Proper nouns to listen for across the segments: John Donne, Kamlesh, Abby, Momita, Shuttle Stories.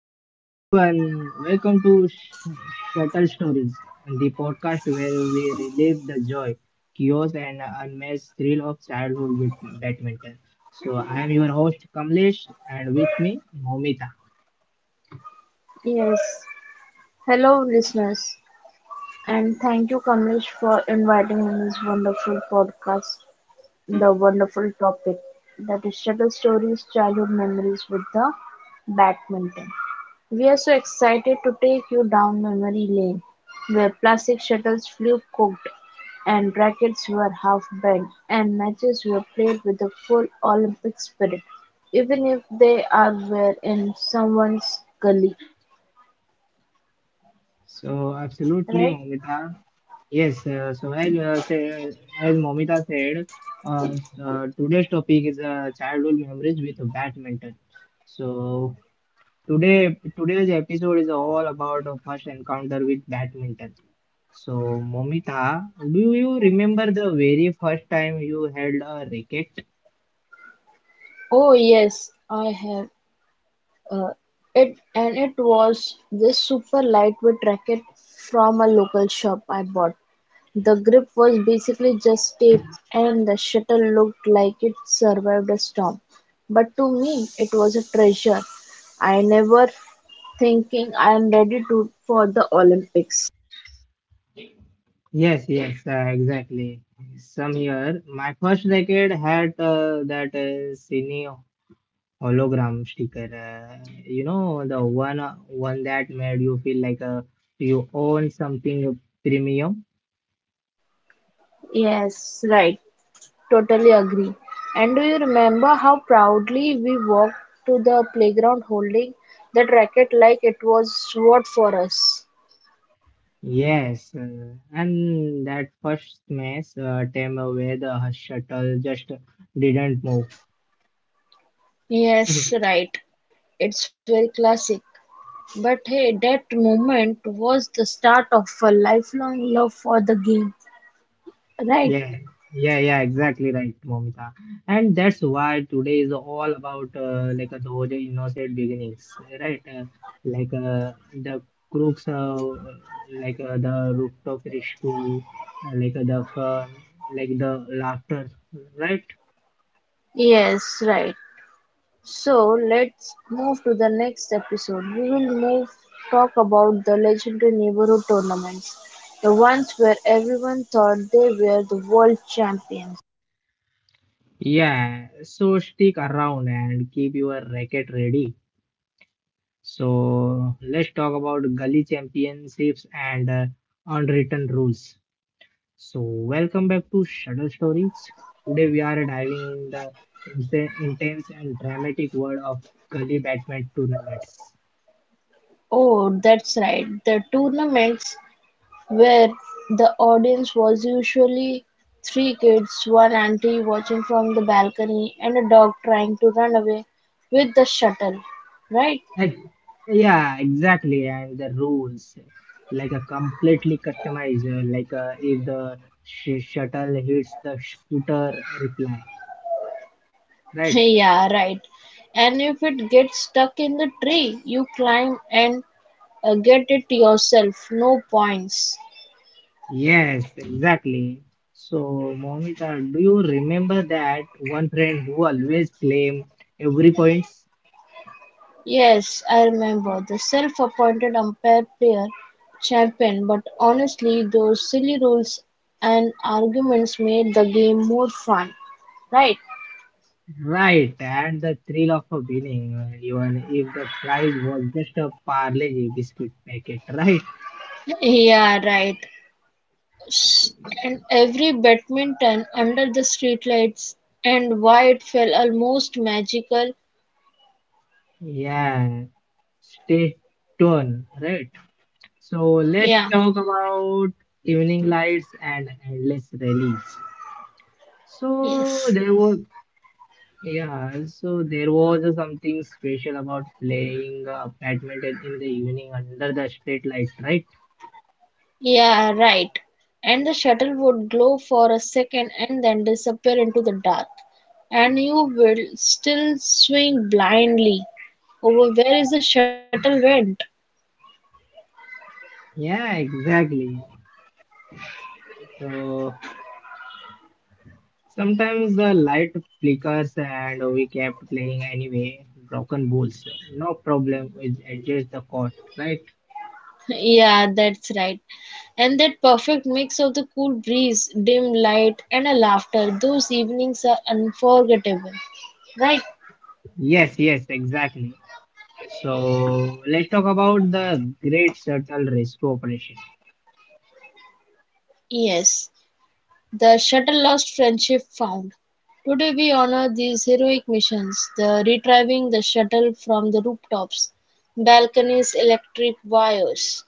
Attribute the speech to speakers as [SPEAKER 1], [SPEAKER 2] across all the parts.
[SPEAKER 1] Hello everyone, welcome to Shuttle Stories, the podcast where we relive the joy, chaos, and unmatched thrill of childhood with badminton. So I am your host Kamlesh, and with me Momita.
[SPEAKER 2] Yes. Hello, listeners, and thank you, Kamlesh, for inviting on this wonderful podcast. The wonderful topic that is Shuttle Stories Childhood Memories with the Badminton. We are so excited to take you down memory lane where plastic shuttles flew cooked and rackets were half bent and matches were played with the full Olympic spirit, even if they are were in someone's gully,
[SPEAKER 1] So absolutely,
[SPEAKER 2] right?
[SPEAKER 1] Momita. Yes. As Momita said, uh, today's topic is childhood memories with badminton. So today's episode is all about our first encounter with badminton. So, Momita, do you remember the very first time you held a racket?
[SPEAKER 2] Oh yes, I have. Uh, it and it was this super lightweight racket from a local shop I bought. The grip was basically just tape, and the shuttle looked like it survived a storm. But to me, it was a treasure. I never thinking I am ready to for the Olympics.
[SPEAKER 1] Yes, yes, exactly. Some year, my first racket had that cine hologram sticker. You know, the one that made you feel like you own something premium.
[SPEAKER 2] Yes, right. Totally agree. And do you remember how proudly we walked to the playground holding that racket like it was sword for us?
[SPEAKER 1] Yes, and that first smash time where the shuttle just didn't move.
[SPEAKER 2] Yes, right. It's very classic. But hey, that moment was the start of a lifelong love for the game, right?
[SPEAKER 1] Yeah, yeah, yeah, exactly right, Momita. And that's why today is all about like those innocent beginnings, right? The crooks, the rooftop rescue, the fun, like the laughter, right?
[SPEAKER 2] Yes, right. So let's move to the next episode. We will move talk about the legendary neighborhood tournaments, the ones where everyone thought they were the world champions.
[SPEAKER 1] Yeah, so stick around and keep your racket ready. So let's talk about gully championships and unwritten rules. So welcome back to Shuttle Stories. Today we are diving in the intense and dramatic world of gully badminton tournaments.
[SPEAKER 2] Oh, that's right. The tournaments where the audience was usually three kids, one auntie watching from the balcony, and a dog trying to run away with the shuttle. Right?
[SPEAKER 1] Ex- yeah, exactly. And the rules, like a completely customized, if the shuttle hits the scooter reply, right?
[SPEAKER 2] Yeah, right. And if it gets stuck in the tree, you climb and A get-it-yourself no points.
[SPEAKER 1] Yes, exactly. So, Momita, do you remember that one friend who always claim every point's
[SPEAKER 2] Yes, I remember, the self-appointed umpire player champion, but honestly those silly rules and arguments made the game more fun, right?
[SPEAKER 1] right and the thrill of a winning, even if the prize was just a Parle biscuit packet, right?
[SPEAKER 2] Yeah, right. S- And every badminton under the streetlights and why it felt almost magical.
[SPEAKER 1] Yeah, stay tuned, right? So, let's
[SPEAKER 2] Yeah,
[SPEAKER 1] talk about evening lights and endless release. So,
[SPEAKER 2] yes.
[SPEAKER 1] there was yeah, so there was something special about playing badminton in the evening under the street light, right?
[SPEAKER 2] Yeah, right. And the shuttle would glow for a second and then disappear into the dark. And you will still swing blindly over where is the shuttle went.
[SPEAKER 1] Yeah, exactly. So sometimes the light flickers and we kept playing anyway. Broken balls, no problem. We adjust the court, right?
[SPEAKER 2] Yeah, that's right. And that perfect mix of the cool breeze, dim light, and a laughter, those evenings are unforgettable, right?
[SPEAKER 1] Yes, yes, exactly. So let's talk about the Great Shuttle Rescue Operation.
[SPEAKER 2] Yes. The shuttle lost "Friendship" found: Today we honor these heroic missions, the retrieving the shuttle from the rooftops, balconies, electric wires.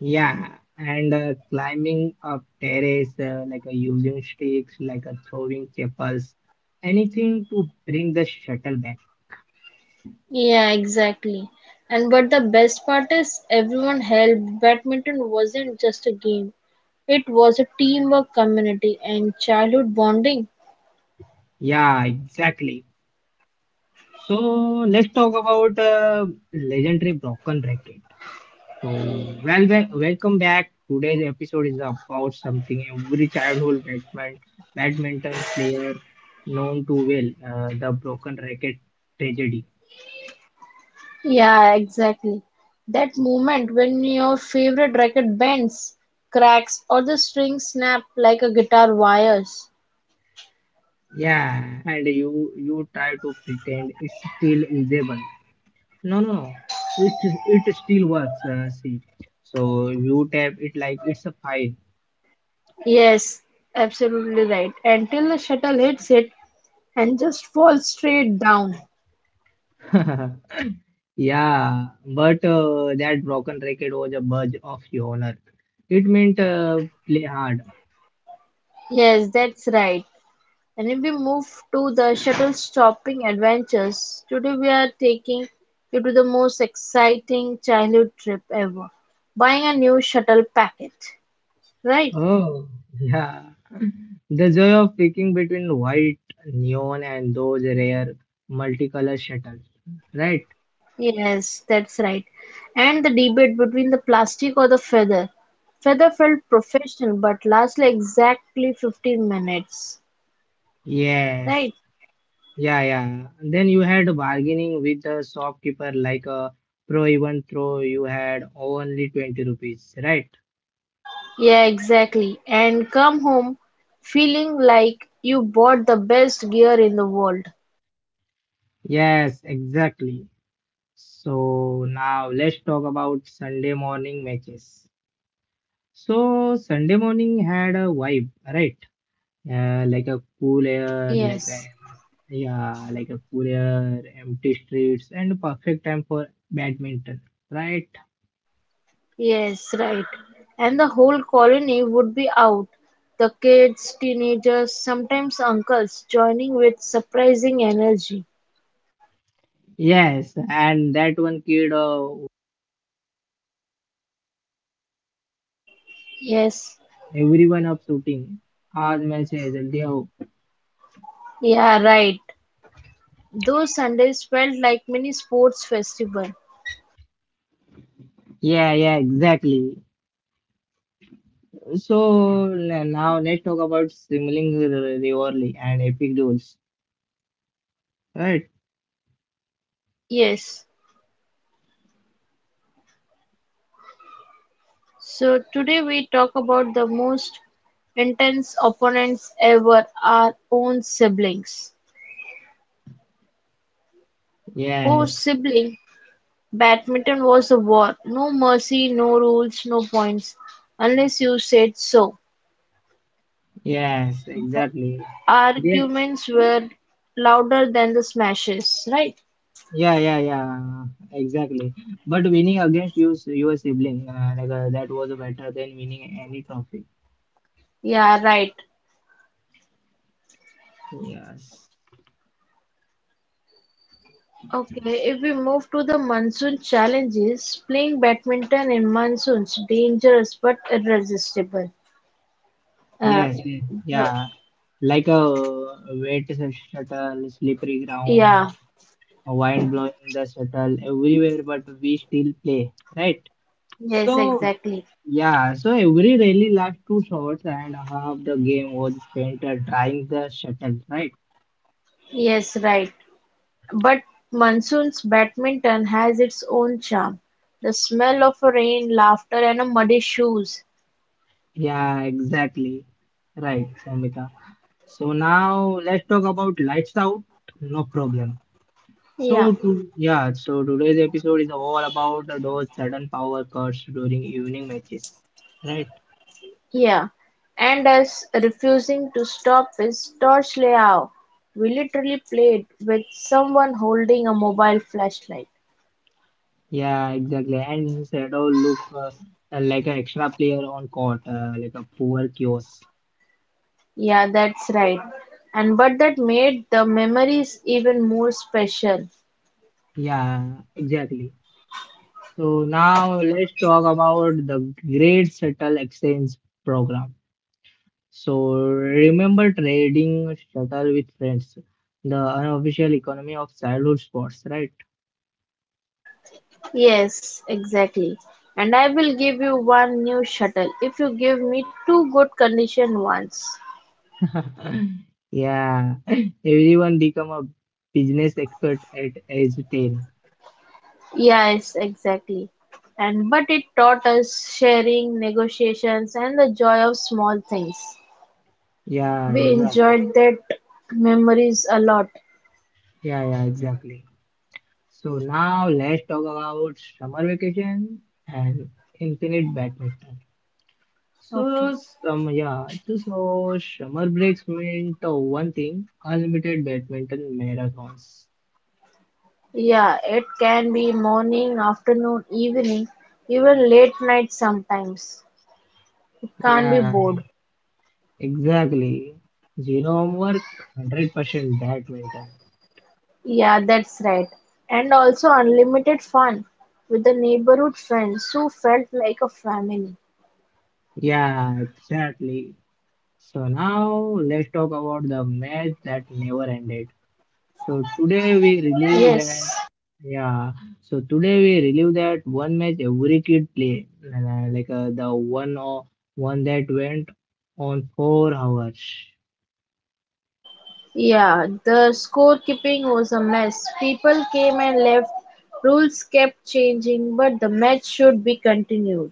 [SPEAKER 1] Yeah, and climbing up terrace, using sticks, throwing chapels, anything to bring the shuttle back.
[SPEAKER 2] Yeah, exactly. And but the best part is everyone helped. Badminton wasn't just a game. It was a teamwork community and childhood bonding.
[SPEAKER 1] Yeah, exactly. So let's talk about legendary broken racket. So Welcome back. Today's episode is about something every childhood badminton player known to well, the broken racket tragedy.
[SPEAKER 2] Yeah, exactly. That moment when your favorite racket bends, cracks, or the string snap like a guitar wires.
[SPEAKER 1] Yeah, and you try to pretend it's still usable. No, no, no. It it still works. See, so you tap it like it's a file.
[SPEAKER 2] Yes, absolutely right. Until the shuttle hits it and just falls straight down.
[SPEAKER 1] Yeah, but that broken record was a badge of your honor. It meant play hard.
[SPEAKER 2] Yes, that's right. And if we move to the shuttle stopping adventures, today we are taking you to the most exciting childhood trip ever. Buying a new shuttle packet. Right?
[SPEAKER 1] Oh, yeah. The joy of picking between white, neon, and those rare multicolored shuttles, right?
[SPEAKER 2] Yes, that's right. And the debate between the plastic or the feather. Feather felt professional but lasted exactly 15 minutes.
[SPEAKER 1] Yes.
[SPEAKER 2] Right?
[SPEAKER 1] Yeah, yeah. Then you had bargaining with the shopkeeper like a pro even throw you had only 20 rupees, right?
[SPEAKER 2] Yeah, exactly. And come home feeling like you bought the best gear in the world.
[SPEAKER 1] Yes, exactly. So now let's talk about Sunday morning matches. So Sunday morning had a vibe, right? Like a cool air, like a
[SPEAKER 2] Yes,
[SPEAKER 1] Yeah, like a cool air, empty streets, and perfect time for badminton, right?
[SPEAKER 2] yes, right. And the whole colony would be out. The kids, teenagers, sometimes uncles joining with surprising energy.
[SPEAKER 1] Yes, and that one kid
[SPEAKER 2] Yes,
[SPEAKER 1] everyone up shooting आज match है जल्दी आओ
[SPEAKER 2] yeah, right. Those Sundays felt like mini sports festival.
[SPEAKER 1] yeah yeah exactly so now let's talk about sibling rivalry and epic duels right
[SPEAKER 2] Yes. So today we talk about the most intense opponents ever, our own siblings. Oh,
[SPEAKER 1] yes
[SPEAKER 2] sibling, badminton was a war. No mercy, no rules, no points. Unless you said so.
[SPEAKER 1] yes exactly yeah
[SPEAKER 2] Arguments were louder than the smashes, right?
[SPEAKER 1] yeah exactly but winning against you, your sibling that was better than winning any trophy
[SPEAKER 2] Yeah, right.
[SPEAKER 1] yes
[SPEAKER 2] Okay, if we move to the monsoon challenges, playing badminton in monsoons dangerous but irresistible. Uh,
[SPEAKER 1] yes yeah
[SPEAKER 2] the-
[SPEAKER 1] yeah, like a wet shuttle slippery ground
[SPEAKER 2] yeah,
[SPEAKER 1] wind blowing the shuttle everywhere, but we still play, right?
[SPEAKER 2] yes,
[SPEAKER 1] So,
[SPEAKER 2] exactly.
[SPEAKER 1] yeah, so every rally lasts two shots, and half the game was spent trying the shuttle, right?
[SPEAKER 2] Yes, right. But monsoon's badminton has its own charm: the smell of rain, laughter and muddy shoes.
[SPEAKER 1] Yeah, exactly. Right, Namita. So now let's talk about lights out. No problem.
[SPEAKER 2] Yeah,
[SPEAKER 1] Yeah, so today's episode is all about those sudden power cuts during evening matches, right?
[SPEAKER 2] yeah. And us refusing to stop is torch layout, we literally played with someone holding a mobile flashlight.
[SPEAKER 1] Yeah, exactly. And Shadow look like an extra player on court, like a poor kiosk.
[SPEAKER 2] Yeah, that's right. And but that made the memories even more special.
[SPEAKER 1] Yeah, exactly. So now let's talk about the Great Shuttle Exchange program. So remember trading shuttle with friends, the unofficial economy of childhood sports, right?
[SPEAKER 2] Yes, exactly. And I will give you one new shuttle if you give me two good conditioned ones.
[SPEAKER 1] Yeah, everyone become a business expert at age 10.
[SPEAKER 2] Yes, exactly. And but it taught us sharing, negotiations, and the joy of small things.
[SPEAKER 1] Yeah,
[SPEAKER 2] We
[SPEAKER 1] exactly.
[SPEAKER 2] enjoyed that memories a lot.
[SPEAKER 1] Yeah, yeah, exactly. So now let's talk about summer vacation and infinite badminton.
[SPEAKER 2] Okay.
[SPEAKER 1] So summer breaks meant one thing, unlimited badminton marathons.
[SPEAKER 2] Yeah, it can be morning, afternoon, evening, even late night sometimes. It can't be
[SPEAKER 1] Yeah,
[SPEAKER 2] bored.
[SPEAKER 1] exactly. Zero homework, 100% badminton.
[SPEAKER 2] Yeah, that's right. And also unlimited fun with the neighborhood friends who felt like a family.
[SPEAKER 1] Yeah, exactly. So now let's talk about the match that never ended. So today we relive
[SPEAKER 2] Yes.
[SPEAKER 1] that, yeah. So today we relive that one match every kid play, like the one or one that went on 4 hours.
[SPEAKER 2] Yeah, the scorekeeping was a mess. People came and left, rules kept changing, but the match should be continued.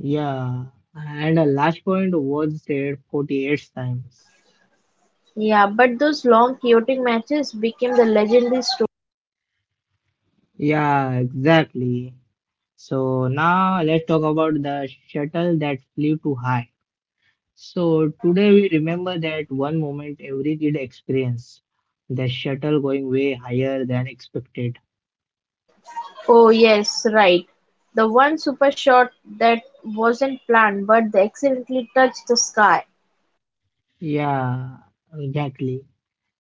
[SPEAKER 1] Yeah, and the last point was said 48 times.
[SPEAKER 2] Yeah, but those long chaotic matches became the legendary story.
[SPEAKER 1] Yeah, exactly. So now let's talk about the shuttle that flew too high. So today we remember that one moment every kid experienced, the shuttle going way higher than expected.
[SPEAKER 2] Oh yes, right. The one super shot that wasn't planned but they accidentally touched the sky.
[SPEAKER 1] Yeah, exactly.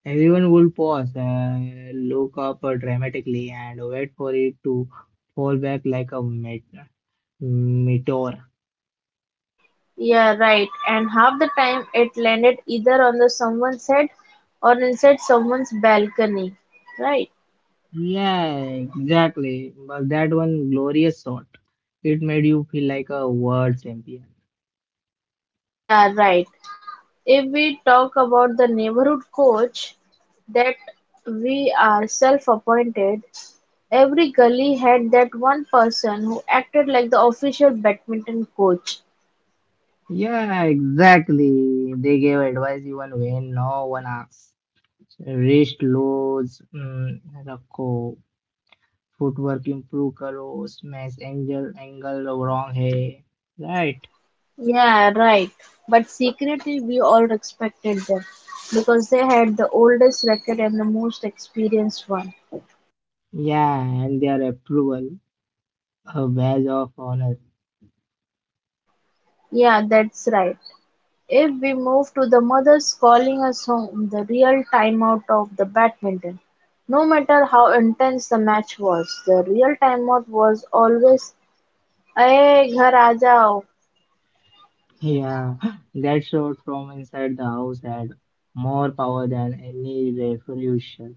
[SPEAKER 1] Everyone would pause, look up dramatically, and wait for it to fall back like a meteor.
[SPEAKER 2] Yeah, right. And half the time it landed either on the someone's head or inside someone's balcony. Right.
[SPEAKER 1] Yeah, exactly. But that one glorious shot, it made you feel like a world champion.
[SPEAKER 2] Yeah, right. If we talk about the neighborhood coach that we are self-appointed, every gully had that one person who acted like the official badminton coach.
[SPEAKER 1] Yeah, exactly. They gave advice even when no one asks. Wrist loads, mm, रखो footwork improve करो smash angle angle wrong है right
[SPEAKER 2] Yeah, right. But secretly, we all respected them because they had the oldest record and the most experienced one.
[SPEAKER 1] yeah and their approval a badge of honor
[SPEAKER 2] Yeah, that's right. If we move to the mothers calling us home, the real timeout of the badminton. No matter how intense the match was, the real timeout was always "Aye, ghar aa jao."
[SPEAKER 1] yeah that shot from inside the house had more power than any revolution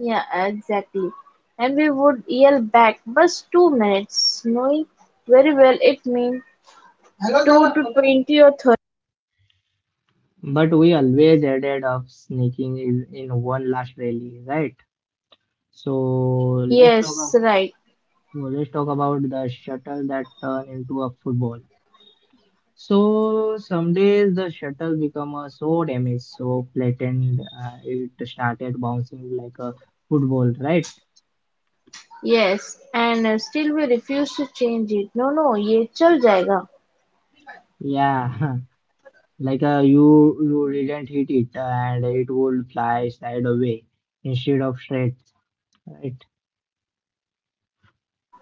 [SPEAKER 2] Yeah, exactly. And we would yell back, "Bus 2 minutes," knowing very well it means 2 to 20 or 30.
[SPEAKER 1] but we always ended up sneaking in one last rally right so let's talk
[SPEAKER 2] Yes,
[SPEAKER 1] about
[SPEAKER 2] right.
[SPEAKER 1] let's talk about the shuttle that turned into a football. So some days the shuttle become so damaged, so flattened, it started bouncing like a football, right?
[SPEAKER 2] Yes, and still we refuse to change it. No, no, Ye chal jayega.
[SPEAKER 1] Yeah, like you didn't hit it, and it would fly side away instead of straight, right?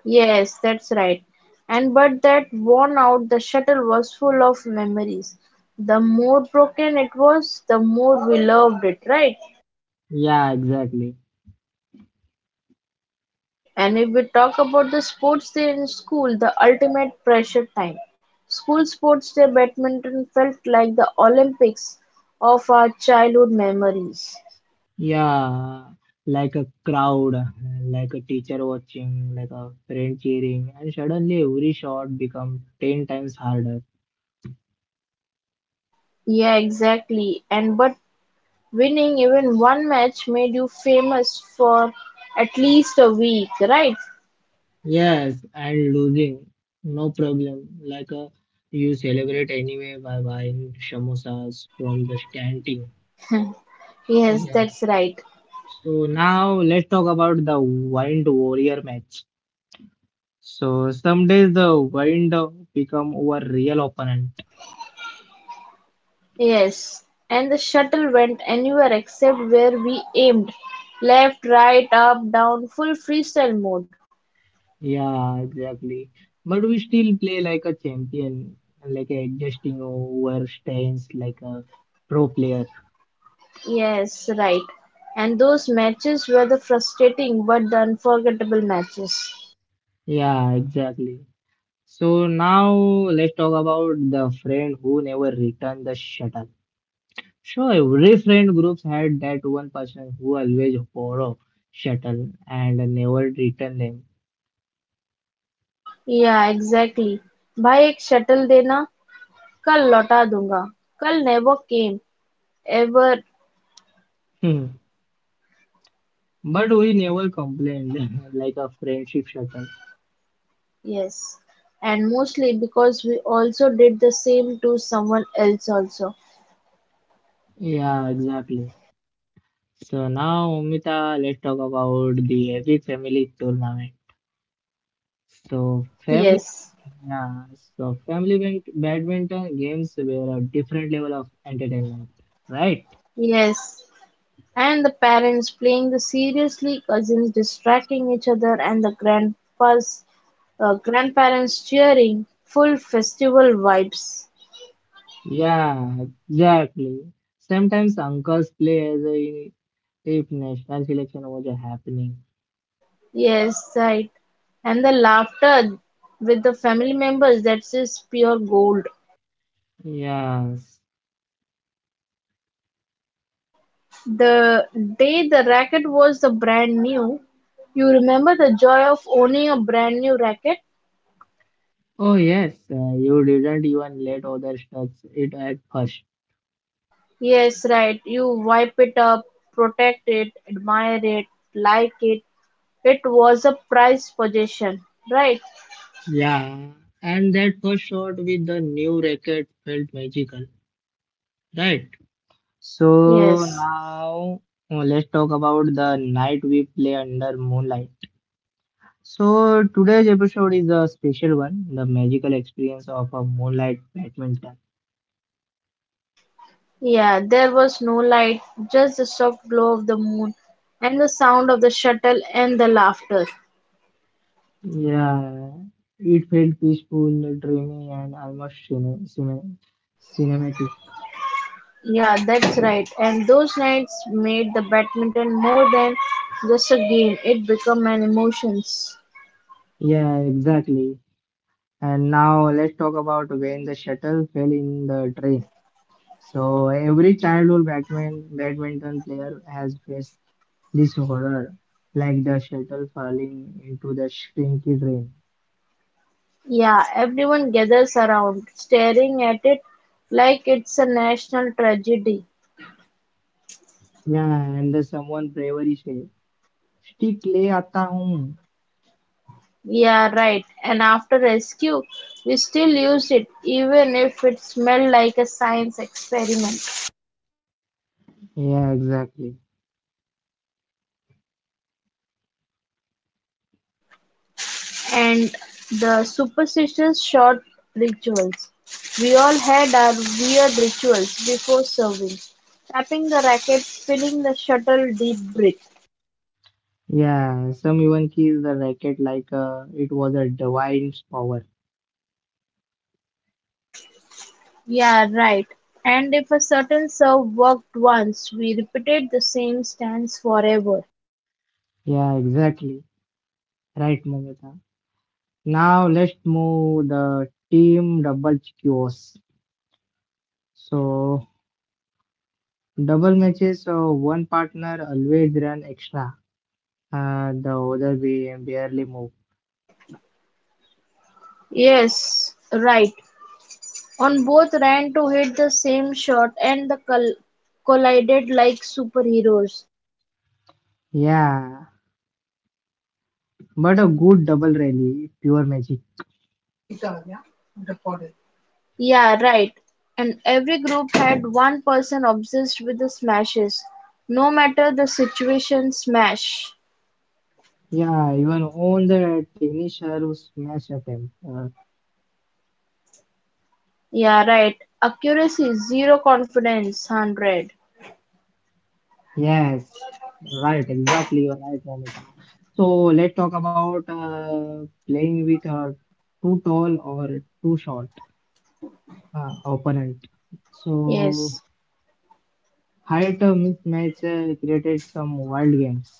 [SPEAKER 2] Yes, that's right. And but that worn out the shuttle was full of memories. The more broken it was, the more we loved it, right?
[SPEAKER 1] Yeah, exactly.
[SPEAKER 2] And if we talk about the sports day in school, the ultimate pressure time. School sports day badminton felt like the Olympics of our childhood memories.
[SPEAKER 1] Yeah, like a crowd, like a teacher watching, like a friend cheering, and suddenly every shot become 10 times harder.
[SPEAKER 2] Yeah, exactly. And but winning even one match made you famous for at least a week, right?
[SPEAKER 1] Yes, and losing, no problem. Like you celebrate anyway by buying samosas from the canteen.
[SPEAKER 2] Yes,
[SPEAKER 1] Yeah.
[SPEAKER 2] that's right.
[SPEAKER 1] So now let's talk about the Wind Warrior match. So some days the Wind become our real opponent.
[SPEAKER 2] Yes, and the shuttle went anywhere except where we aimed. Left, right, up, down, full freestyle mode.
[SPEAKER 1] Yeah, exactly. But we still play like a champion, like adjusting our stance like a pro player.
[SPEAKER 2] Yes, right. And those matches were the frustrating but the unforgettable matches.
[SPEAKER 1] Yeah, exactly. So now let's talk about the friend who never returned the shuttle. So every friend groups had that one person who always borrow shuttle and never return them.
[SPEAKER 2] Yeah, exactly. भाई एक shuttle देना कल लौटा दूंगा कल never came ever.
[SPEAKER 1] Hmm. But we never complained like a friendship shuttle.
[SPEAKER 2] Yes, and mostly because we also did the same to someone else also.
[SPEAKER 1] Yeah, exactly. So now, Umita, let's talk about the epic family tournament. So family,
[SPEAKER 2] Yes,
[SPEAKER 1] yeah, so family badminton games were a different level of entertainment, right?
[SPEAKER 2] yes. And the parents playing the seriously, cousins distracting each other, and the grandpas, grandparents cheering. Full festival vibes.
[SPEAKER 1] Yeah, exactly. Sometimes uncles play as a if national selection was happening.
[SPEAKER 2] Yes, right. And the laughter with the family members, that's just pure gold.
[SPEAKER 1] Yes.
[SPEAKER 2] The day the racket was the brand new, you remember the joy of owning a brand new racket?
[SPEAKER 1] Oh yes, you didn't even let others touch it at first.
[SPEAKER 2] Yes, right. You wipe it up, protect it, admire it, like it was a prized possession, right?
[SPEAKER 1] Yeah, and that first shot with the new racket felt magical, right?
[SPEAKER 2] Yes.
[SPEAKER 1] So now let's talk about the night we play under moonlight. So today's episode is a special one, the magical experience of a moonlight badminton.
[SPEAKER 2] Yeah, there was no light, just the soft glow of the moon and the sound of the shuttle and the laughter.
[SPEAKER 1] Yeah, it felt peaceful, dreamy, and almost cinematic.
[SPEAKER 2] Yeah, that's right. And those nights made the badminton more than just a game, it became an emotions.
[SPEAKER 1] Yeah, exactly. And now let's talk about when the shuttle fell in the train. So every childhood badminton player has faced this horror, like the shuttle falling into the shrinky drain.
[SPEAKER 2] Yeah, everyone gathers around, staring at it like it's a national tragedy.
[SPEAKER 1] Yeah, and the someone bravery say, "Stick le aata hoon."
[SPEAKER 2] Yeah, right. And after rescue, we still used it, even if it smelled like a science experiment.
[SPEAKER 1] Yeah, exactly.
[SPEAKER 2] And the superstitious short rituals. We all had our weird rituals before serving. Tapping the racket, spinning the shuttle, deep breath.
[SPEAKER 1] Yeah, some even kiss the racket like it was a divine power.
[SPEAKER 2] Yeah, right. And if a certain serve worked once, we repeated the same stance forever.
[SPEAKER 1] Yeah, exactly. Right, Momita. Now let's move the team double chaos. So double matches, so one partner always run extra. The other we barely move.
[SPEAKER 2] Yes, right. On both ran to hit the same shot and the collided like superheroes.
[SPEAKER 1] Yeah, but a good double rally, pure magic.
[SPEAKER 2] Yeah, right. And every group had one person obsessed with the smashes. No matter the situation, smash.
[SPEAKER 1] Yeah, even on the tennis serve smash attempt.
[SPEAKER 2] Yeah, right. Accuracy, zero confidence, 100.
[SPEAKER 1] Yes, right, exactly, you're right, Namita. So let's talk about playing with a too tall or too short opponent. So
[SPEAKER 2] Yes.
[SPEAKER 1] height mismatch created some wild games.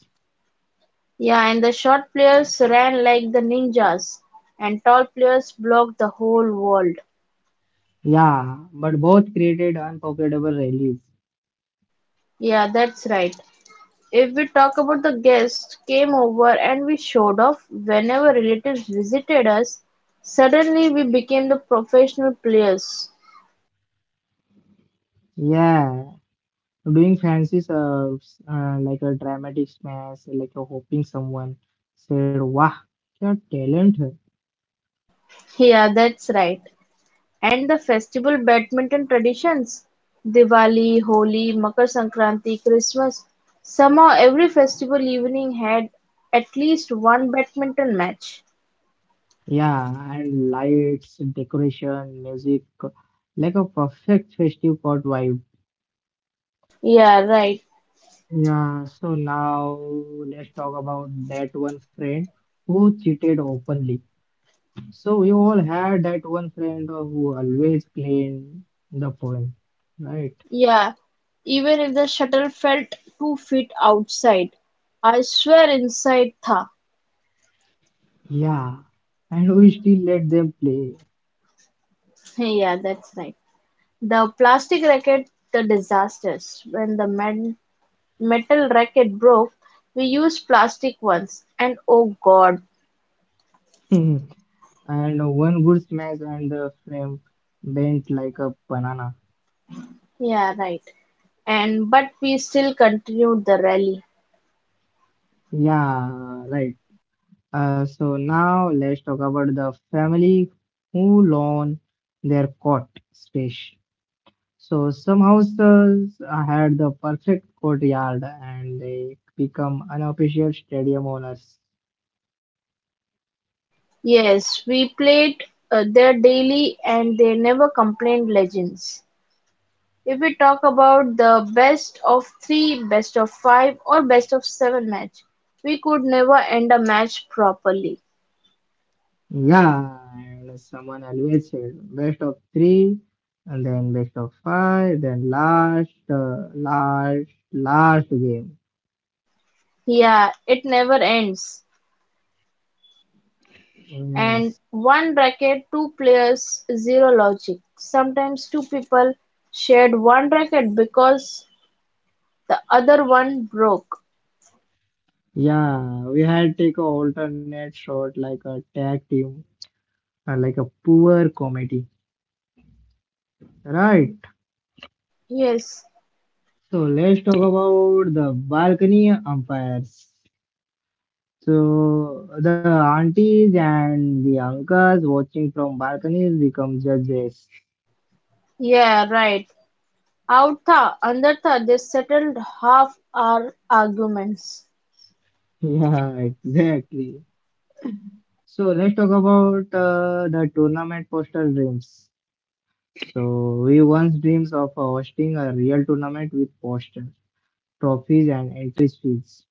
[SPEAKER 2] Yeah, and the short players ran like the ninjas, and tall players blocked the whole world.
[SPEAKER 1] Yeah, but both created unforgettable rallies.
[SPEAKER 2] Yeah, that's right. If we talk about the guests came over and we showed off, whenever relatives visited us, suddenly we became the professional players.
[SPEAKER 1] Yeah, doing fancy serves like a dramatic smash, like a hoping someone said, "Wow, क्या talent!"
[SPEAKER 2] Yeah, that's right. And the festival badminton traditions Diwali, Holi, Makar Sankranti, Christmas somehow every festival evening had at least one badminton match.
[SPEAKER 1] Yeah, and lights, decoration, music, like a perfect festive pod vibe.
[SPEAKER 2] Yeah, right.
[SPEAKER 1] Yeah, so now let's talk about that one friend who cheated openly. So we all had that one friend who always claimed the point, right?
[SPEAKER 2] Yeah, even if the shuttle felt 2 feet outside, I swear inside tha.
[SPEAKER 1] Yeah, and we still let them play.
[SPEAKER 2] Yeah, that's right. The plastic racket, the disasters. When the metal racket broke, we used plastic ones, and oh god,
[SPEAKER 1] And one good smash and the frame bent like a banana.
[SPEAKER 2] yeah, right. And but we still continued the rally.
[SPEAKER 1] Yeah, right. So now let's talk about the family who loan their court space. So some houses had the perfect courtyard and they become unofficial stadium owners.
[SPEAKER 2] Yes, we played there daily, and they never complained. Legends. If we talk about the best of three, best of five, or best of seven match, we could never end a match properly.
[SPEAKER 1] Yeah, and someone always said best of three, and then best of five, then last, last game.
[SPEAKER 2] Yeah, it never ends.
[SPEAKER 1] Yes.
[SPEAKER 2] And one bracket two players zero logic sometimes two people shared one bracket because the other one broke.
[SPEAKER 1] Yeah, we had take a alternate shot like a tag team like a poor comedy. Right.
[SPEAKER 2] Yes,
[SPEAKER 1] So let's talk about the balcony umpires. So the aunties and the uncles watching from balconies become judges.
[SPEAKER 2] yeah, right. Out tha under tha they settled half our arguments.
[SPEAKER 1] Yeah, exactly. So let's talk about the tournament poster dreams. So we once dreams of hosting a real tournament with posters, trophies, and entry fees.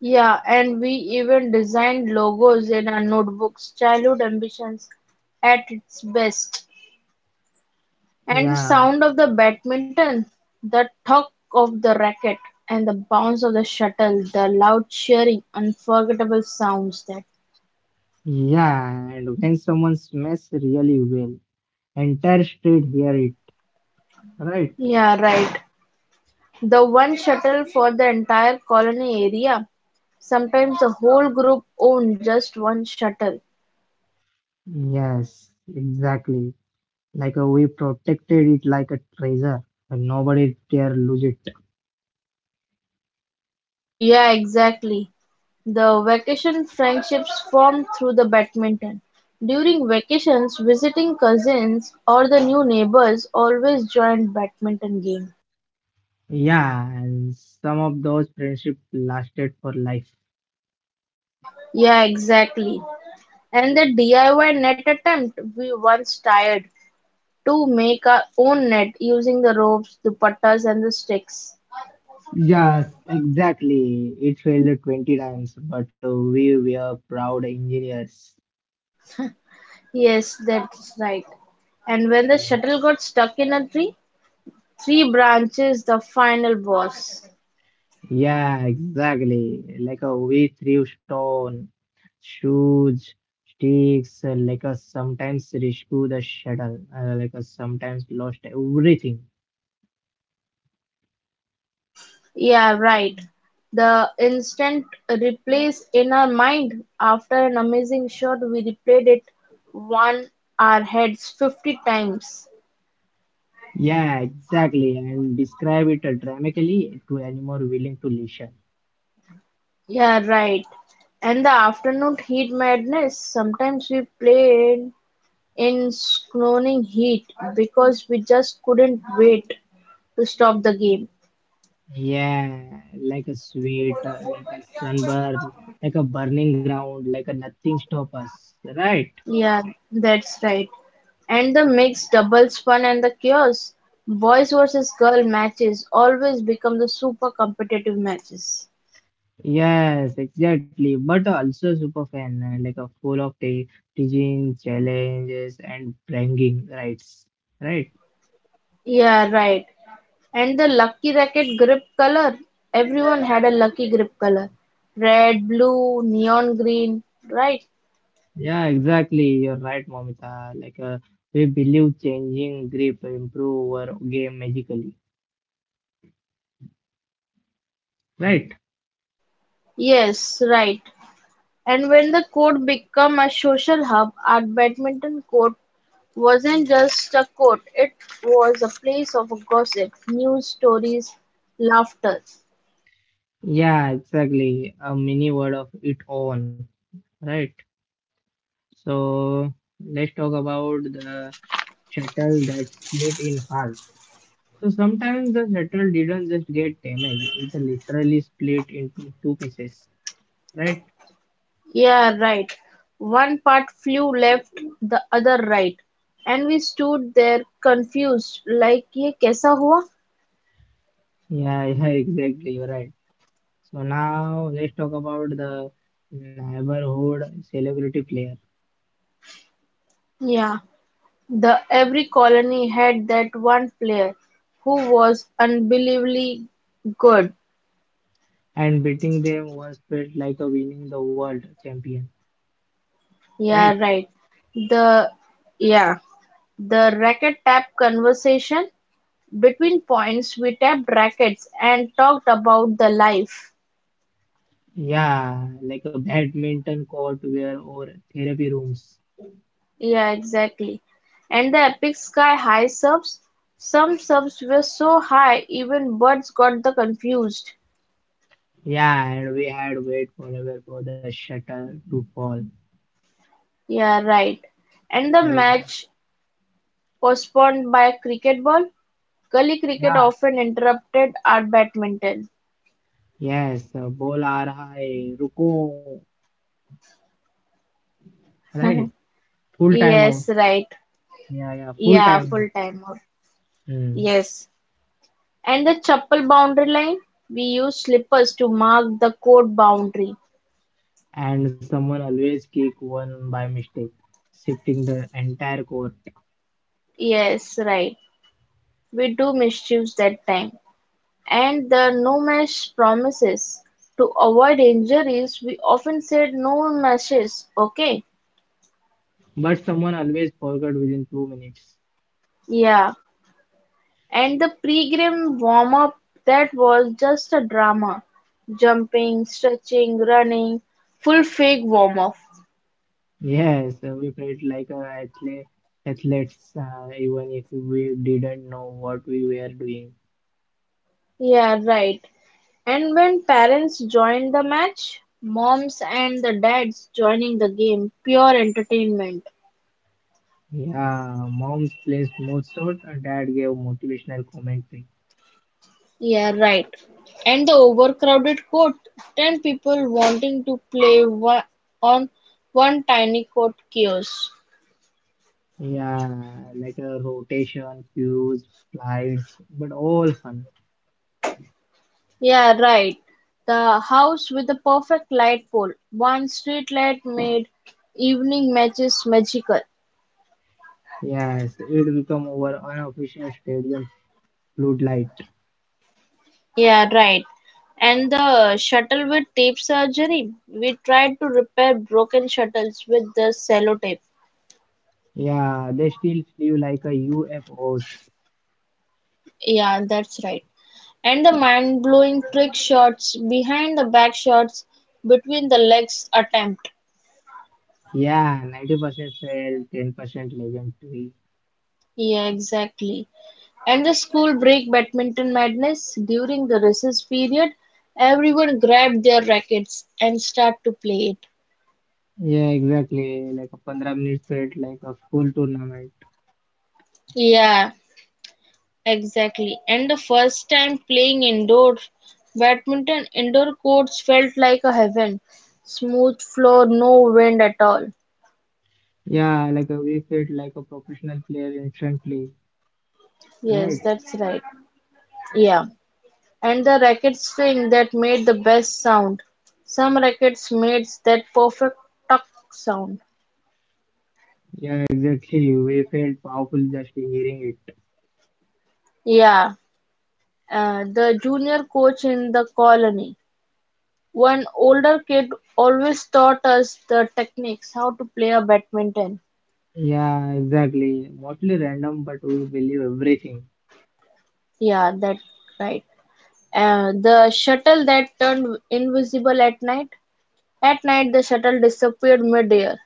[SPEAKER 2] Yeah, and we even designed logos in our notebooks childhood ambitions at its best. And the
[SPEAKER 1] Yeah,
[SPEAKER 2] sound of the badminton, the thud of the racket, and the bounce of the shuttle, the loud cheering, unforgettable sounds that.
[SPEAKER 1] yeah, and when someone smashes really well, entire street hear it, right?
[SPEAKER 2] Yeah, right. The one shuttle for the entire colony area. Sometimes the whole group owned just one shuttle.
[SPEAKER 1] Yes, exactly. We protected it like a treasure, and nobody dare lose it.
[SPEAKER 2] Yeah, exactly. The vacation friendships formed through the badminton. During vacations, visiting cousins or the new neighbors always joined badminton games.
[SPEAKER 1] Yeah, and some of those friendship lasted for life.
[SPEAKER 2] Yeah, exactly. And the DIY net attempt, we once tried to make our own net using the ropes, the puttas, and the sticks.
[SPEAKER 1] Yes, exactly. It failed 20 times, but we were proud engineers.
[SPEAKER 2] Yes, that's right. And when the shuttle got stuck in a tree, three branches, the final boss.
[SPEAKER 1] Yeah, exactly. Like a we threw stone, shoes, sticks, like a sometimes rescue the shuttle, like a sometimes lost everything.
[SPEAKER 2] Yeah, right. The instant replays in our mind. After an amazing shot, we replayed it one our heads 50 times.
[SPEAKER 1] Yeah, exactly. And describe it dramatically to anyone willing to listen.
[SPEAKER 2] Yeah, right. And the afternoon heat madness. Sometimes we played in scorching heat because we just couldn't wait to stop the game.
[SPEAKER 1] Yeah, like a sweet, like a sunburn, like a burning ground, like a nothing stop us, right?
[SPEAKER 2] Yeah, that's right. And the mixed doubles fun and the chaos. Boys versus girl matches always become the super competitive matches.
[SPEAKER 1] Yes, exactly. But also super fan, like a full of te teaching challenges and bragging rights. Right?
[SPEAKER 2] Yeah, right. And the lucky racket grip color. Everyone had a lucky grip color. Red, blue, neon green, right?
[SPEAKER 1] Yeah, exactly. You're right, Momita. We believe changing grip improve our game magically. Right?
[SPEAKER 2] Yes, right. And when the court became a social hub, our badminton court wasn't just a court, it was a place of gossip, news stories, laughter.
[SPEAKER 1] Yeah, exactly. A mini word of its own. Right? So let's talk about the shuttle that split in half. So sometimes the shuttle didn't just get damaged, it literally split into two pieces, right?
[SPEAKER 2] Yeah, right. One part flew left, the other right. And we stood there confused, like, ye kaisa hua?
[SPEAKER 1] Yeah, yeah, exactly, you're right. So now let's talk about the neighborhood celebrity player.
[SPEAKER 2] Yeah. The every colony had that one player who was unbelievably good.
[SPEAKER 1] And beating them once felt like a winning the world champion,
[SPEAKER 2] Yeah,
[SPEAKER 1] right?
[SPEAKER 2] right. The yeah, the racket tap conversation between points we tapped rackets and talked about the life.
[SPEAKER 1] Yeah, like a badminton court where or therapy rooms.
[SPEAKER 2] Yeah, exactly. And the epic sky high serves. Some serves were so high even birds got the confused.
[SPEAKER 1] Yeah, and we had to wait forever for the shuttle to fall.
[SPEAKER 2] Yeah, right. And the
[SPEAKER 1] So
[SPEAKER 2] match postponed by a cricket ball. Gully cricket
[SPEAKER 1] yeah,
[SPEAKER 2] often interrupted our badminton.
[SPEAKER 1] yes, bola aa raha hai, ruko right? Full time out.
[SPEAKER 2] Yes, right.
[SPEAKER 1] Yeah, yeah, full
[SPEAKER 2] Yeah,
[SPEAKER 1] time
[SPEAKER 2] full time.
[SPEAKER 1] out. Mm.
[SPEAKER 2] Yes. And the chapel boundary line? We use slippers to mark the court boundary.
[SPEAKER 1] And someone always kick one by mistake, shifting the entire court.
[SPEAKER 2] Yes, right. We do misuse that time. And the no mesh promises. To avoid injuries, we often said no meshes, okay?
[SPEAKER 1] But someone always forgot within 2 minutes.
[SPEAKER 2] Yeah. And the pre-game warm-up that was just a drama. Jumping, stretching, running, full fake warm-up.
[SPEAKER 1] Yes, we felt like athletes, even if we didn't know what we were doing.
[SPEAKER 2] Yeah, right. And when parents joined the match, moms and the dads joining the game, pure entertainment.
[SPEAKER 1] Yeah, moms placed most shot, and dad gave motivational commentary.
[SPEAKER 2] Yeah, right. And the overcrowded court, 10 people wanting to play one, on one tiny court kiosk.
[SPEAKER 1] Yeah, like a rotation, cues, flights, but all fun.
[SPEAKER 2] Yeah, right. The house with the perfect light pole, one street light made evening matches magical.
[SPEAKER 1] Yes, it become our unofficial stadium floodlight.
[SPEAKER 2] Yeah, right. And the shuttle with tape surgery. We tried to repair broken shuttles with the sellotape.
[SPEAKER 1] Yeah, they still flew like a UFOs.
[SPEAKER 2] Yeah, that's right. And the mind blowing trick shots, behind the back shots, between the legs attempt.
[SPEAKER 1] Yeah, 90% fail, 10% legendary.
[SPEAKER 2] Yeah, exactly. And the school break badminton madness during the recess period, everyone grabbed their rackets and start to play it.
[SPEAKER 1] Yeah, exactly. Like a 15 minutes felt like a school tournament.
[SPEAKER 2] Yeah, exactly. And the first time playing indoor badminton, indoor courts felt like a heaven. Smooth floor, no wind at all.
[SPEAKER 1] Yeah, we felt like a professional player instantly.
[SPEAKER 2] Yes,
[SPEAKER 1] Right?
[SPEAKER 2] that's right. Yeah. And the racket string that made the best sound. Some rackets made that perfect tuck sound.
[SPEAKER 1] Yeah, exactly. We felt powerful just hearing it.
[SPEAKER 2] Yeah. The junior coach in the colony. One older kid always taught us the techniques, how to play a badminton.
[SPEAKER 1] Yeah, exactly. Mostly random, but we believe everything.
[SPEAKER 2] Yeah, that right. The shuttle that turned invisible at night. At night, the shuttle disappeared mid-air.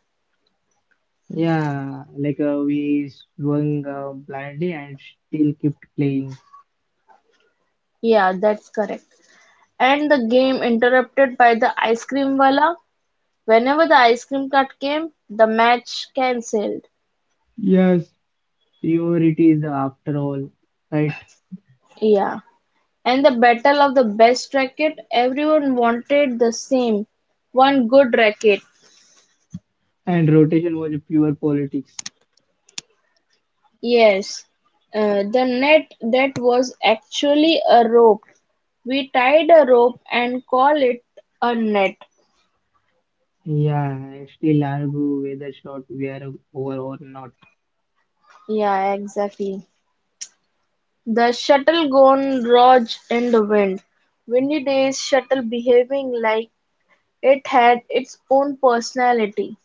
[SPEAKER 1] Yeah, we swung blindly and still kept playing.
[SPEAKER 2] Yeah, that's correct. And the game interrupted by the ice cream wala. Whenever the ice cream cart came, the match cancelled.
[SPEAKER 1] Yes, priority is after all, right?
[SPEAKER 2] Yeah. And the battle of the best racket. Everyone wanted the same. One good racket.
[SPEAKER 1] And rotation was pure politics.
[SPEAKER 2] Yes. The net that was actually a rope. We tied a rope and call it a net.
[SPEAKER 1] Yeah, I still argue whether shot we are over or not.
[SPEAKER 2] Yeah, exactly. The shuttle gone rogue in the wind. Windy days shuttle behaving like it had its own personality.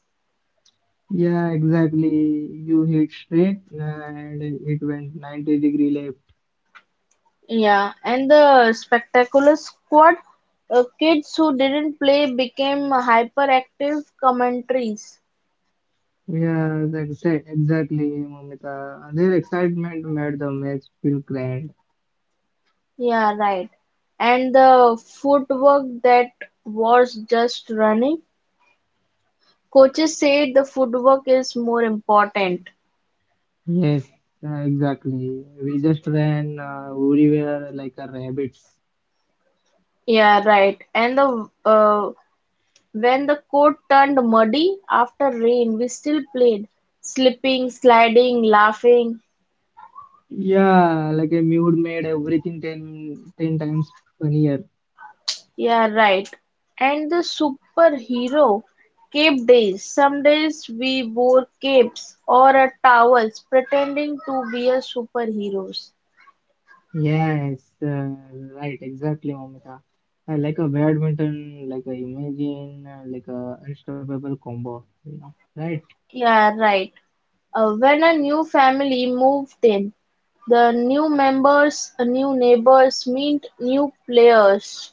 [SPEAKER 1] Yeah, exactly. You hit straight and it went 90-degree left.
[SPEAKER 2] Yeah, and the spectacular squad, kids who didn't play became hyperactive commentaries.
[SPEAKER 1] Yeah, exactly, Momita. Their excitement made the match feel grand.
[SPEAKER 2] Yeah, right. And the footwork that was just running. Coaches say the footwork is more important.
[SPEAKER 1] Yes, exactly. We just ran everywhere like a rabbits.
[SPEAKER 2] Yeah, right. And the When the court turned muddy after rain, we still played. Slipping, sliding, laughing.
[SPEAKER 1] Yeah, like a mute made everything 10 10 times funnier.
[SPEAKER 2] Yeah, right. And the superhero cape days. Some days we wore capes or towels pretending to be a superheroes.
[SPEAKER 1] Yes, right, exactly, Momita. Like a badminton, like a imagine, like a unstoppable combo, you know, right?
[SPEAKER 2] Yeah, right. When a new family moved in, the new members, new neighbors meet new players.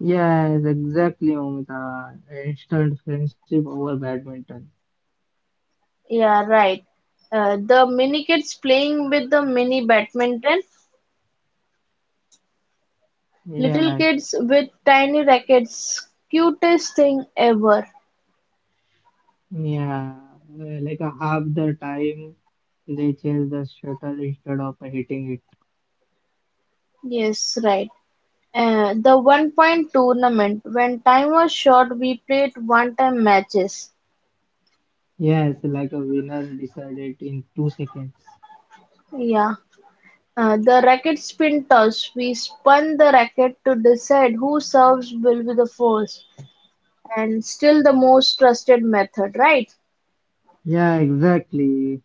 [SPEAKER 1] Yes, exactly, Momita. Instant friendship over badminton.
[SPEAKER 2] Yeah, right. The mini kids playing with the mini badminton, little
[SPEAKER 1] Yes.
[SPEAKER 2] kids with tiny rackets, cutest thing ever.
[SPEAKER 1] Yeah, like a half the time they chase the shuttle instead of hitting it.
[SPEAKER 2] Yes, right. The one point tournament, when time was short, we played one time matches.
[SPEAKER 1] Yes, like a winner decided in 2 seconds.
[SPEAKER 2] Yeah. The racket spin toss, we spun the racket to decide who serves will be the first, and still the most trusted method, right?
[SPEAKER 1] Yeah, exactly.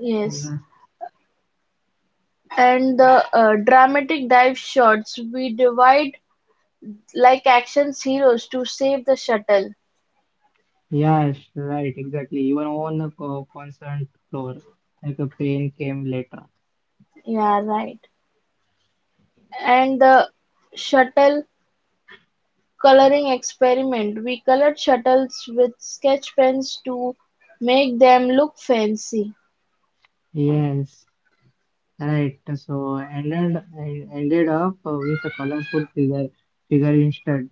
[SPEAKER 2] Yes.
[SPEAKER 1] Yeah.
[SPEAKER 2] and the dramatic dive shots we divide like action heroes to save the shuttle.
[SPEAKER 1] Yes, right, exactly. Even on a concert floor, like a pain came later.
[SPEAKER 2] Yeah, right. And the shuttle coloring experiment we colored shuttles with sketch pens to make them look fancy.
[SPEAKER 1] Yes, right. So ended ended up with a colorful figure instead.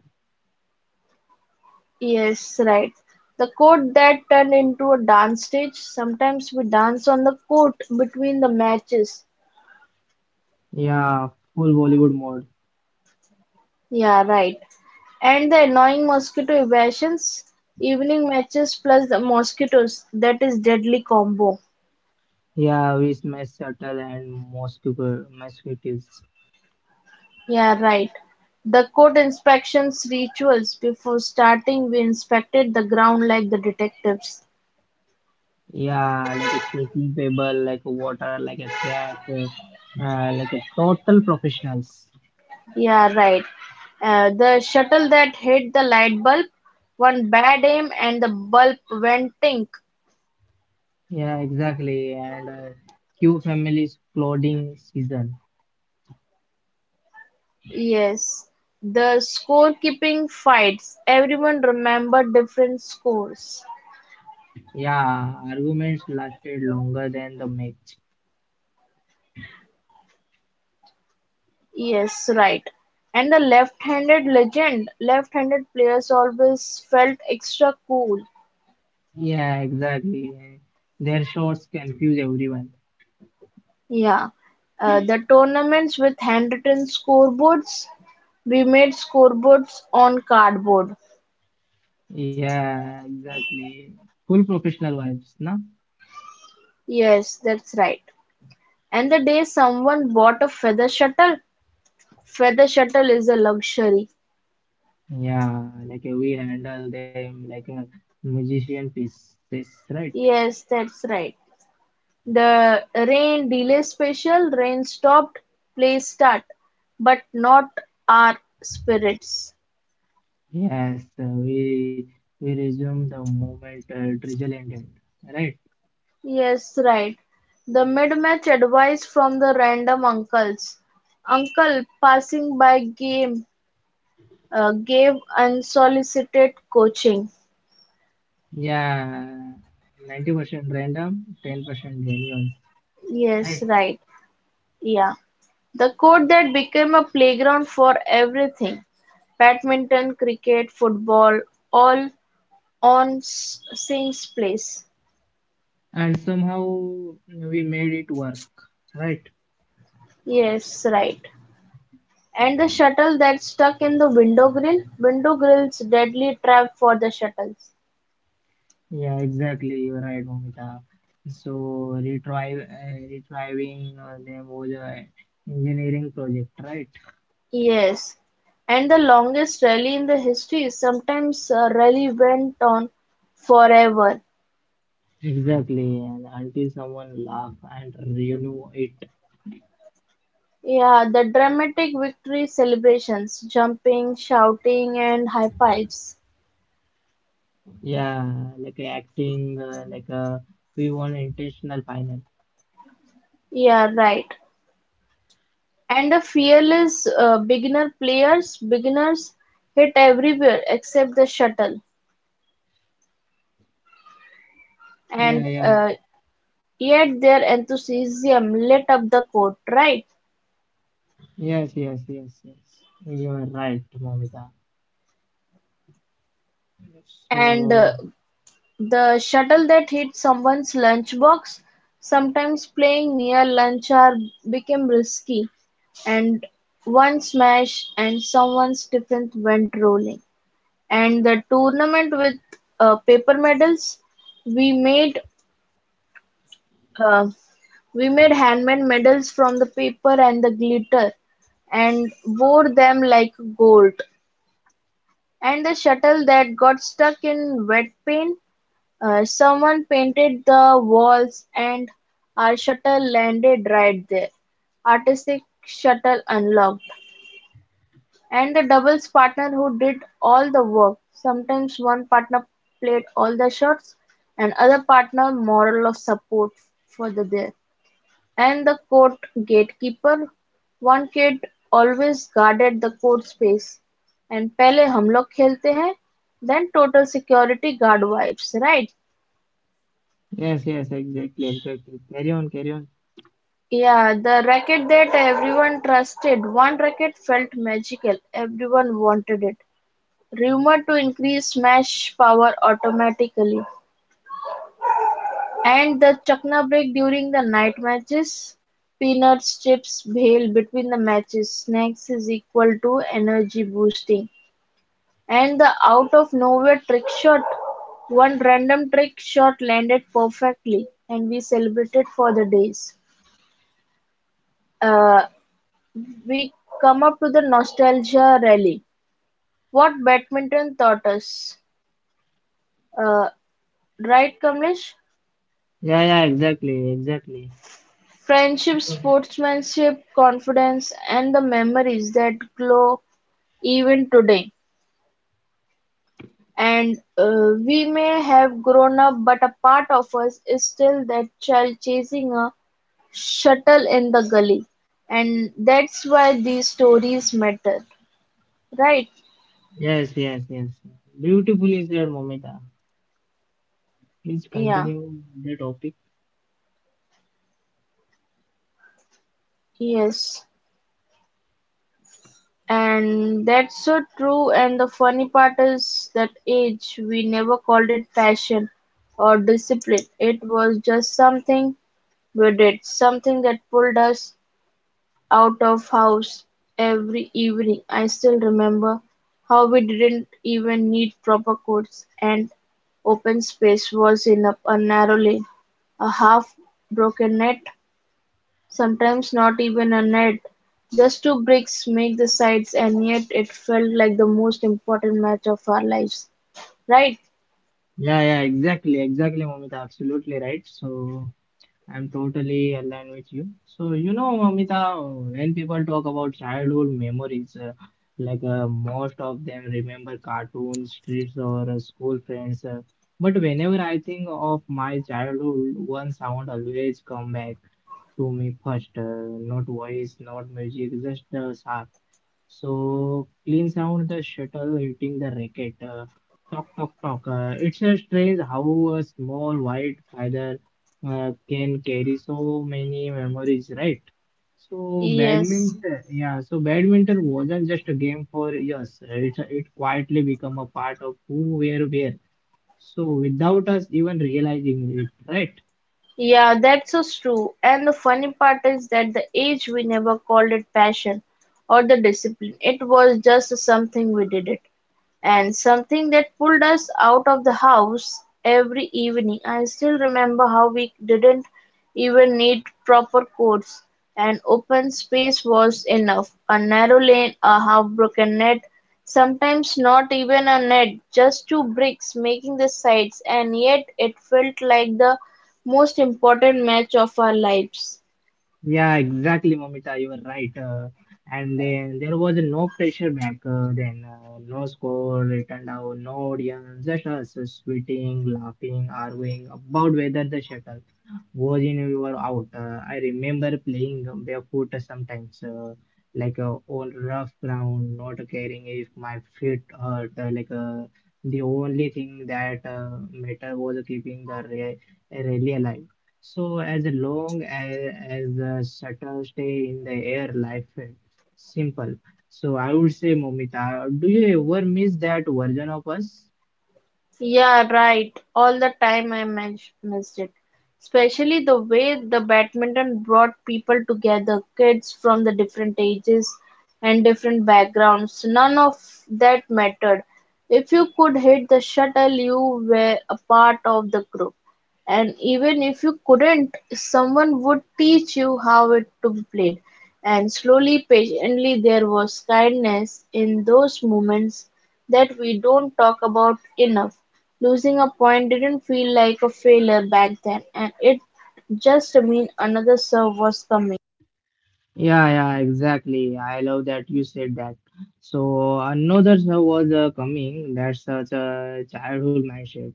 [SPEAKER 2] Yes, right. The court that turned into a dance stage sometimes we dance on the court between the matches.
[SPEAKER 1] Yeah, full Bollywood mode.
[SPEAKER 2] Yeah, right. And the annoying mosquito evasions, evening matches plus the mosquitoes. That is deadly combo.
[SPEAKER 1] Yeah, we smash shuttle and mosquitoes.
[SPEAKER 2] Yeah, right. The court inspections rituals. Before starting, we inspected the ground like the detectives.
[SPEAKER 1] Yeah, like a chasing table, like a water, like a crack, like a total professionals.
[SPEAKER 2] Yeah, right. The shuttle that hit the light bulb, one bad aim, and the bulb went tink.
[SPEAKER 1] Yeah, exactly. And Q family's clothing season.
[SPEAKER 2] Yes. The scorekeeping fights. Everyone remembered different scores.
[SPEAKER 1] Yeah, arguments lasted longer than the match.
[SPEAKER 2] Yes, right. And the left-handed legend, left-handed players always felt extra cool.
[SPEAKER 1] Yeah, exactly. Their shots confuse everyone.
[SPEAKER 2] Yeah. The tournaments with handwritten scoreboards, we made scoreboards on cardboard.
[SPEAKER 1] Yeah, exactly. Full professional vibes, na?
[SPEAKER 2] Yes, that's right. And the day someone bought a feather shuttle is a luxury.
[SPEAKER 1] Yeah, we handle them like a musician pieces, right?
[SPEAKER 2] Yes, that's right. The rain delay special, rain stopped, play start, but not our spirits.
[SPEAKER 1] Yes, we resume the moment drizzle ended, right?
[SPEAKER 2] Yes, right. The mid-match advice from the random uncles. Uncle passing by game gave unsolicited coaching.
[SPEAKER 1] Yeah, 90% random, 10% genuine,
[SPEAKER 2] Yes,
[SPEAKER 1] right?
[SPEAKER 2] right. Yeah. The court that became a playground for everything. Badminton, cricket, football, all on same place.
[SPEAKER 1] And somehow we made it work, right?
[SPEAKER 2] Yes, right. And the shuttle that stuck in the window grill. Window grill's deadly trap for the shuttles.
[SPEAKER 1] Yeah, exactly. You're right, Momita. So retrieving them was a engineering project, right?
[SPEAKER 2] Yes, and the longest rally in the history. Sometimes a rally went on forever.
[SPEAKER 1] Exactly, and until someone laugh and renew it.
[SPEAKER 2] Yeah, the dramatic victory celebrations, jumping, shouting, and high fives.
[SPEAKER 1] Yeah, like acting, we want intentional final.
[SPEAKER 2] Yeah, right. And the fearless beginner players, beginners hit everywhere except the shuttle. And
[SPEAKER 1] Yeah, yeah,
[SPEAKER 2] uh, yet their enthusiasm lit up the court, right?
[SPEAKER 1] yes, yes, yes, yes. You are right, Momita.
[SPEAKER 2] And uh,
[SPEAKER 1] So,
[SPEAKER 2] The shuttle that hit someone's lunchbox, sometimes playing near lunch hour, became risky, and one smash and someone's tiffin went rolling. And the tournament with paper medals, we made uh, we made handmade medals from the paper and the glitter, and wore them like gold. And the shuttle that got stuck in wet paint? Someone painted the walls and our shuttle landed right there. Artistic shuttle unlocked. And the doubles partner who did all the work. Sometimes one partner played all the shots and other partner moral of support for the there. And the court gatekeeper, one kid always guarded the court space. And पहले हम लोग खेलते हैं Then total security guard vibes right?
[SPEAKER 1] yes, yes, exactly, exactly. Carry on, carry on.
[SPEAKER 2] Yeah, the racket that everyone trusted. One racket felt magical. Everyone wanted it. Rumored to increase smash power automatically and the chakna break during the night matches peanuts chips bail between the matches snacks is equal to energy boosting. And the out-of-nowhere trick shot. One random trick shot landed perfectly, and we celebrated for the days. Uh, we come up to the nostalgia rally. What badminton taught us. Uh, right, Kamlesh?
[SPEAKER 1] Yeah, yeah, exactly, exactly.
[SPEAKER 2] Friendship,
[SPEAKER 1] So,
[SPEAKER 2] sportsmanship, confidence, and the memories that glow even today. And we may have grown up, but a part of us is still that child chasing a shuttle in the gully and that's why these stories matter, right?
[SPEAKER 1] yes, yes, yes. Beautifully said, Momita. Please
[SPEAKER 2] Yeah.
[SPEAKER 1] continue the topic.
[SPEAKER 2] Yes, and that's so true and the funny part is that age we never called it passion or discipline, it was just something we did, something that pulled us out of house every evening. I still remember how we didn't even need proper courts, and open space was enough, a narrow lane, a half broken net, sometimes not even a net. Just two bricks make the sides, and yet it felt like the most important match of our lives. Right?
[SPEAKER 1] Yeah, yeah, exactly, exactly, Momita. Absolutely right. So. I'm totally aligned with you. So, you know, Amita, when people talk about childhood memories, most of them remember cartoons, streets, or school friends. But whenever I think of my childhood, one sound always come back to me first. Not voice, not music, just the sound so clean sound, the shuttle hitting the racket. Talk, talk, talk. It's a strange how a small white feather can carry so many memories, right? So
[SPEAKER 2] Yes.
[SPEAKER 1] badminton, yeah. So badminton wasn't just a game for years. It quietly become a part of who we are, where. So without us even realizing it, right?
[SPEAKER 2] Yeah, that's so true. And the funny part is that the age we never called it passion or the discipline. It was just something we did it. And something that pulled us out of the house every evening. I still remember how we didn't even need proper courts. An open space was enough. A narrow lane, a half broken net, sometimes not even a net, just two bricks making the sides, and yet it felt like the most important match of our lives.
[SPEAKER 1] Yeah, exactly, Momita. You were right. And then there was no pressure back then, no score written down, no audience, just us sweating, laughing, arguing about whether the shuttle was in we were out. I remember playing barefoot sometimes, on rough ground, not caring if my feet hurt. The only thing that mattered was keeping the re rally alive. So as long as, as the shuttle stay in the air, life felt simple. So I would say, Momita, do you ever miss that version of us?
[SPEAKER 2] Yeah, right. All the time I missed it. Especially the way the badminton brought people together, kids from the different ages and different backgrounds. None of that mattered. If you could hit the shuttle, you were a part of the group. And even if you couldn't, someone would teach you how it to be played. And slowly, patiently, there was kindness in those moments that we don't talk about enough. Losing a point didn't feel like a failure back then, and it just meant another serve was coming.
[SPEAKER 1] Yeah, yeah, exactly. I love that you said that. So another show was coming. That's such a childhood mindset.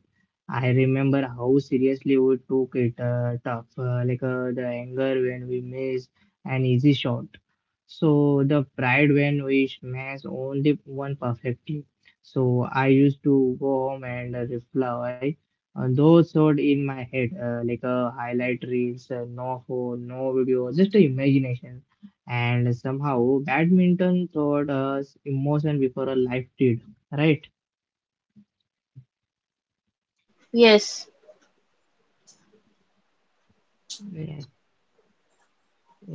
[SPEAKER 1] I remember how seriously we took it tough, like the anger when we missed an easy shot. So the pride when we smashed only one perfectly. So I used to go home and reply on those thoughts in my head, like a highlight reels, no phone, no video, just a imagination and somehow badminton taught us emotion before a life did, right?
[SPEAKER 2] Yes.
[SPEAKER 1] Yeah,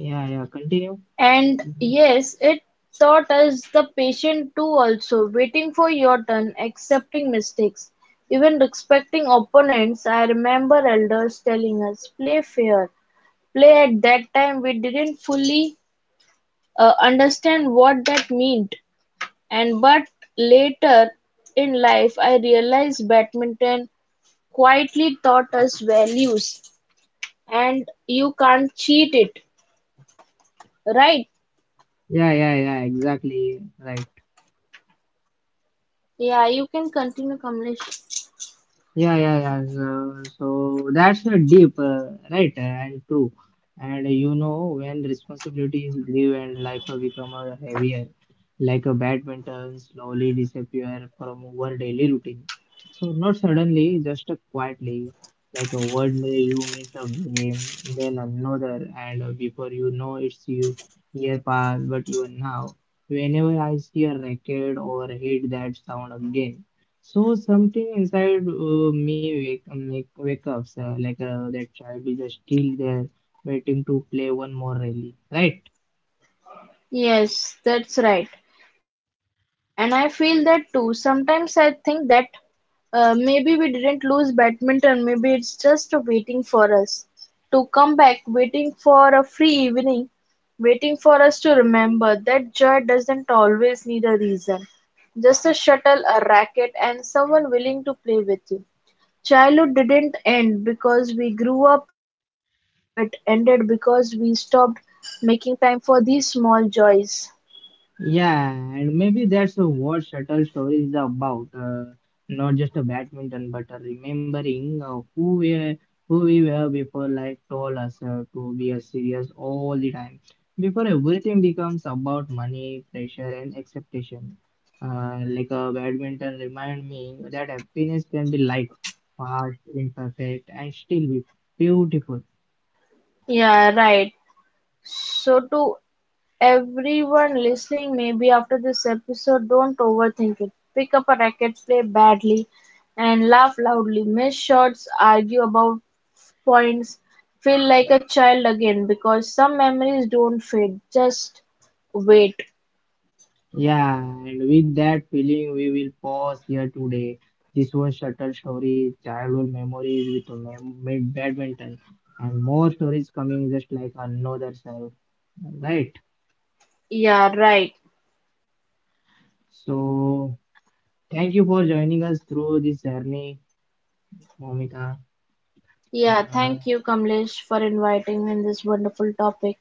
[SPEAKER 1] yeah, yeah, continue.
[SPEAKER 2] And yes, it taught us the patient too also, waiting for your turn, accepting mistakes, even respecting opponents. I remember elders telling us, play fair. Play at that time we didn't fully understand what that meant. And but later in life I realized badminton quietly taught us values and you can't cheat it, right?
[SPEAKER 1] Yeah, yeah, yeah, exactly, right.
[SPEAKER 2] Yeah, you can continue, Kamlesh.
[SPEAKER 1] Yeah, yeah, yeah. So, so that's a deep, right, and true. And you know, when responsibilities grew and life become heavier, like a badminton slowly disappear from our daily routine. So not suddenly, just quietly, like a one day you miss a game, then another, and before you know it's you year past, but even now. Whenever I see a racket or hear that sound again. So something inside wake up, that child is still there waiting to play one more rally, right?
[SPEAKER 2] Yes, that's right. And I feel that too. Sometimes I think that maybe we didn't lose badminton, maybe it's just waiting for us to come back, waiting for a free evening, waiting for us to remember that joy doesn't always need a reason. Just a shuttle, a racket, and someone willing to play with you. Childhood didn't end because we grew up, it ended because we stopped making time for these small joys.
[SPEAKER 1] Yeah, and maybe that's what shuttle story is about. Not just a badminton, but a remembering who we are, who we were before life told us to be serious all the time. Before everything becomes about money, pressure, and expectation. Like a badminton remind me that happiness can be light, fast, imperfect, and still be beautiful.
[SPEAKER 2] Yeah, right. So, to everyone listening, maybe after this episode, don't overthink it. Pick up a racket, play badly, and laugh loudly. Miss shots, argue about points, feel like a child again because some memories don't fade. Just wait.
[SPEAKER 1] Yeah, and with that feeling, we will pause here today. This was Shuttle Stories, childhood memories with badminton, and more stories coming just like another self. Right.
[SPEAKER 2] Yeah, right.
[SPEAKER 1] So, thank you for joining us through this journey, Momika.
[SPEAKER 2] Yeah,
[SPEAKER 1] Uh,
[SPEAKER 2] thank you, Kamlesh, for inviting me in this wonderful topic.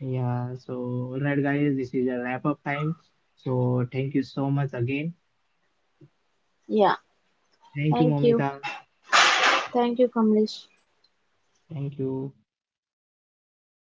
[SPEAKER 1] yeah, so, all right, guys, this is a wrap up time. So, thank you so much again.
[SPEAKER 2] Yeah,
[SPEAKER 1] Thank you,
[SPEAKER 2] thank you.
[SPEAKER 1] Momika.
[SPEAKER 2] Thank you, Kamlesh.
[SPEAKER 1] Thank you.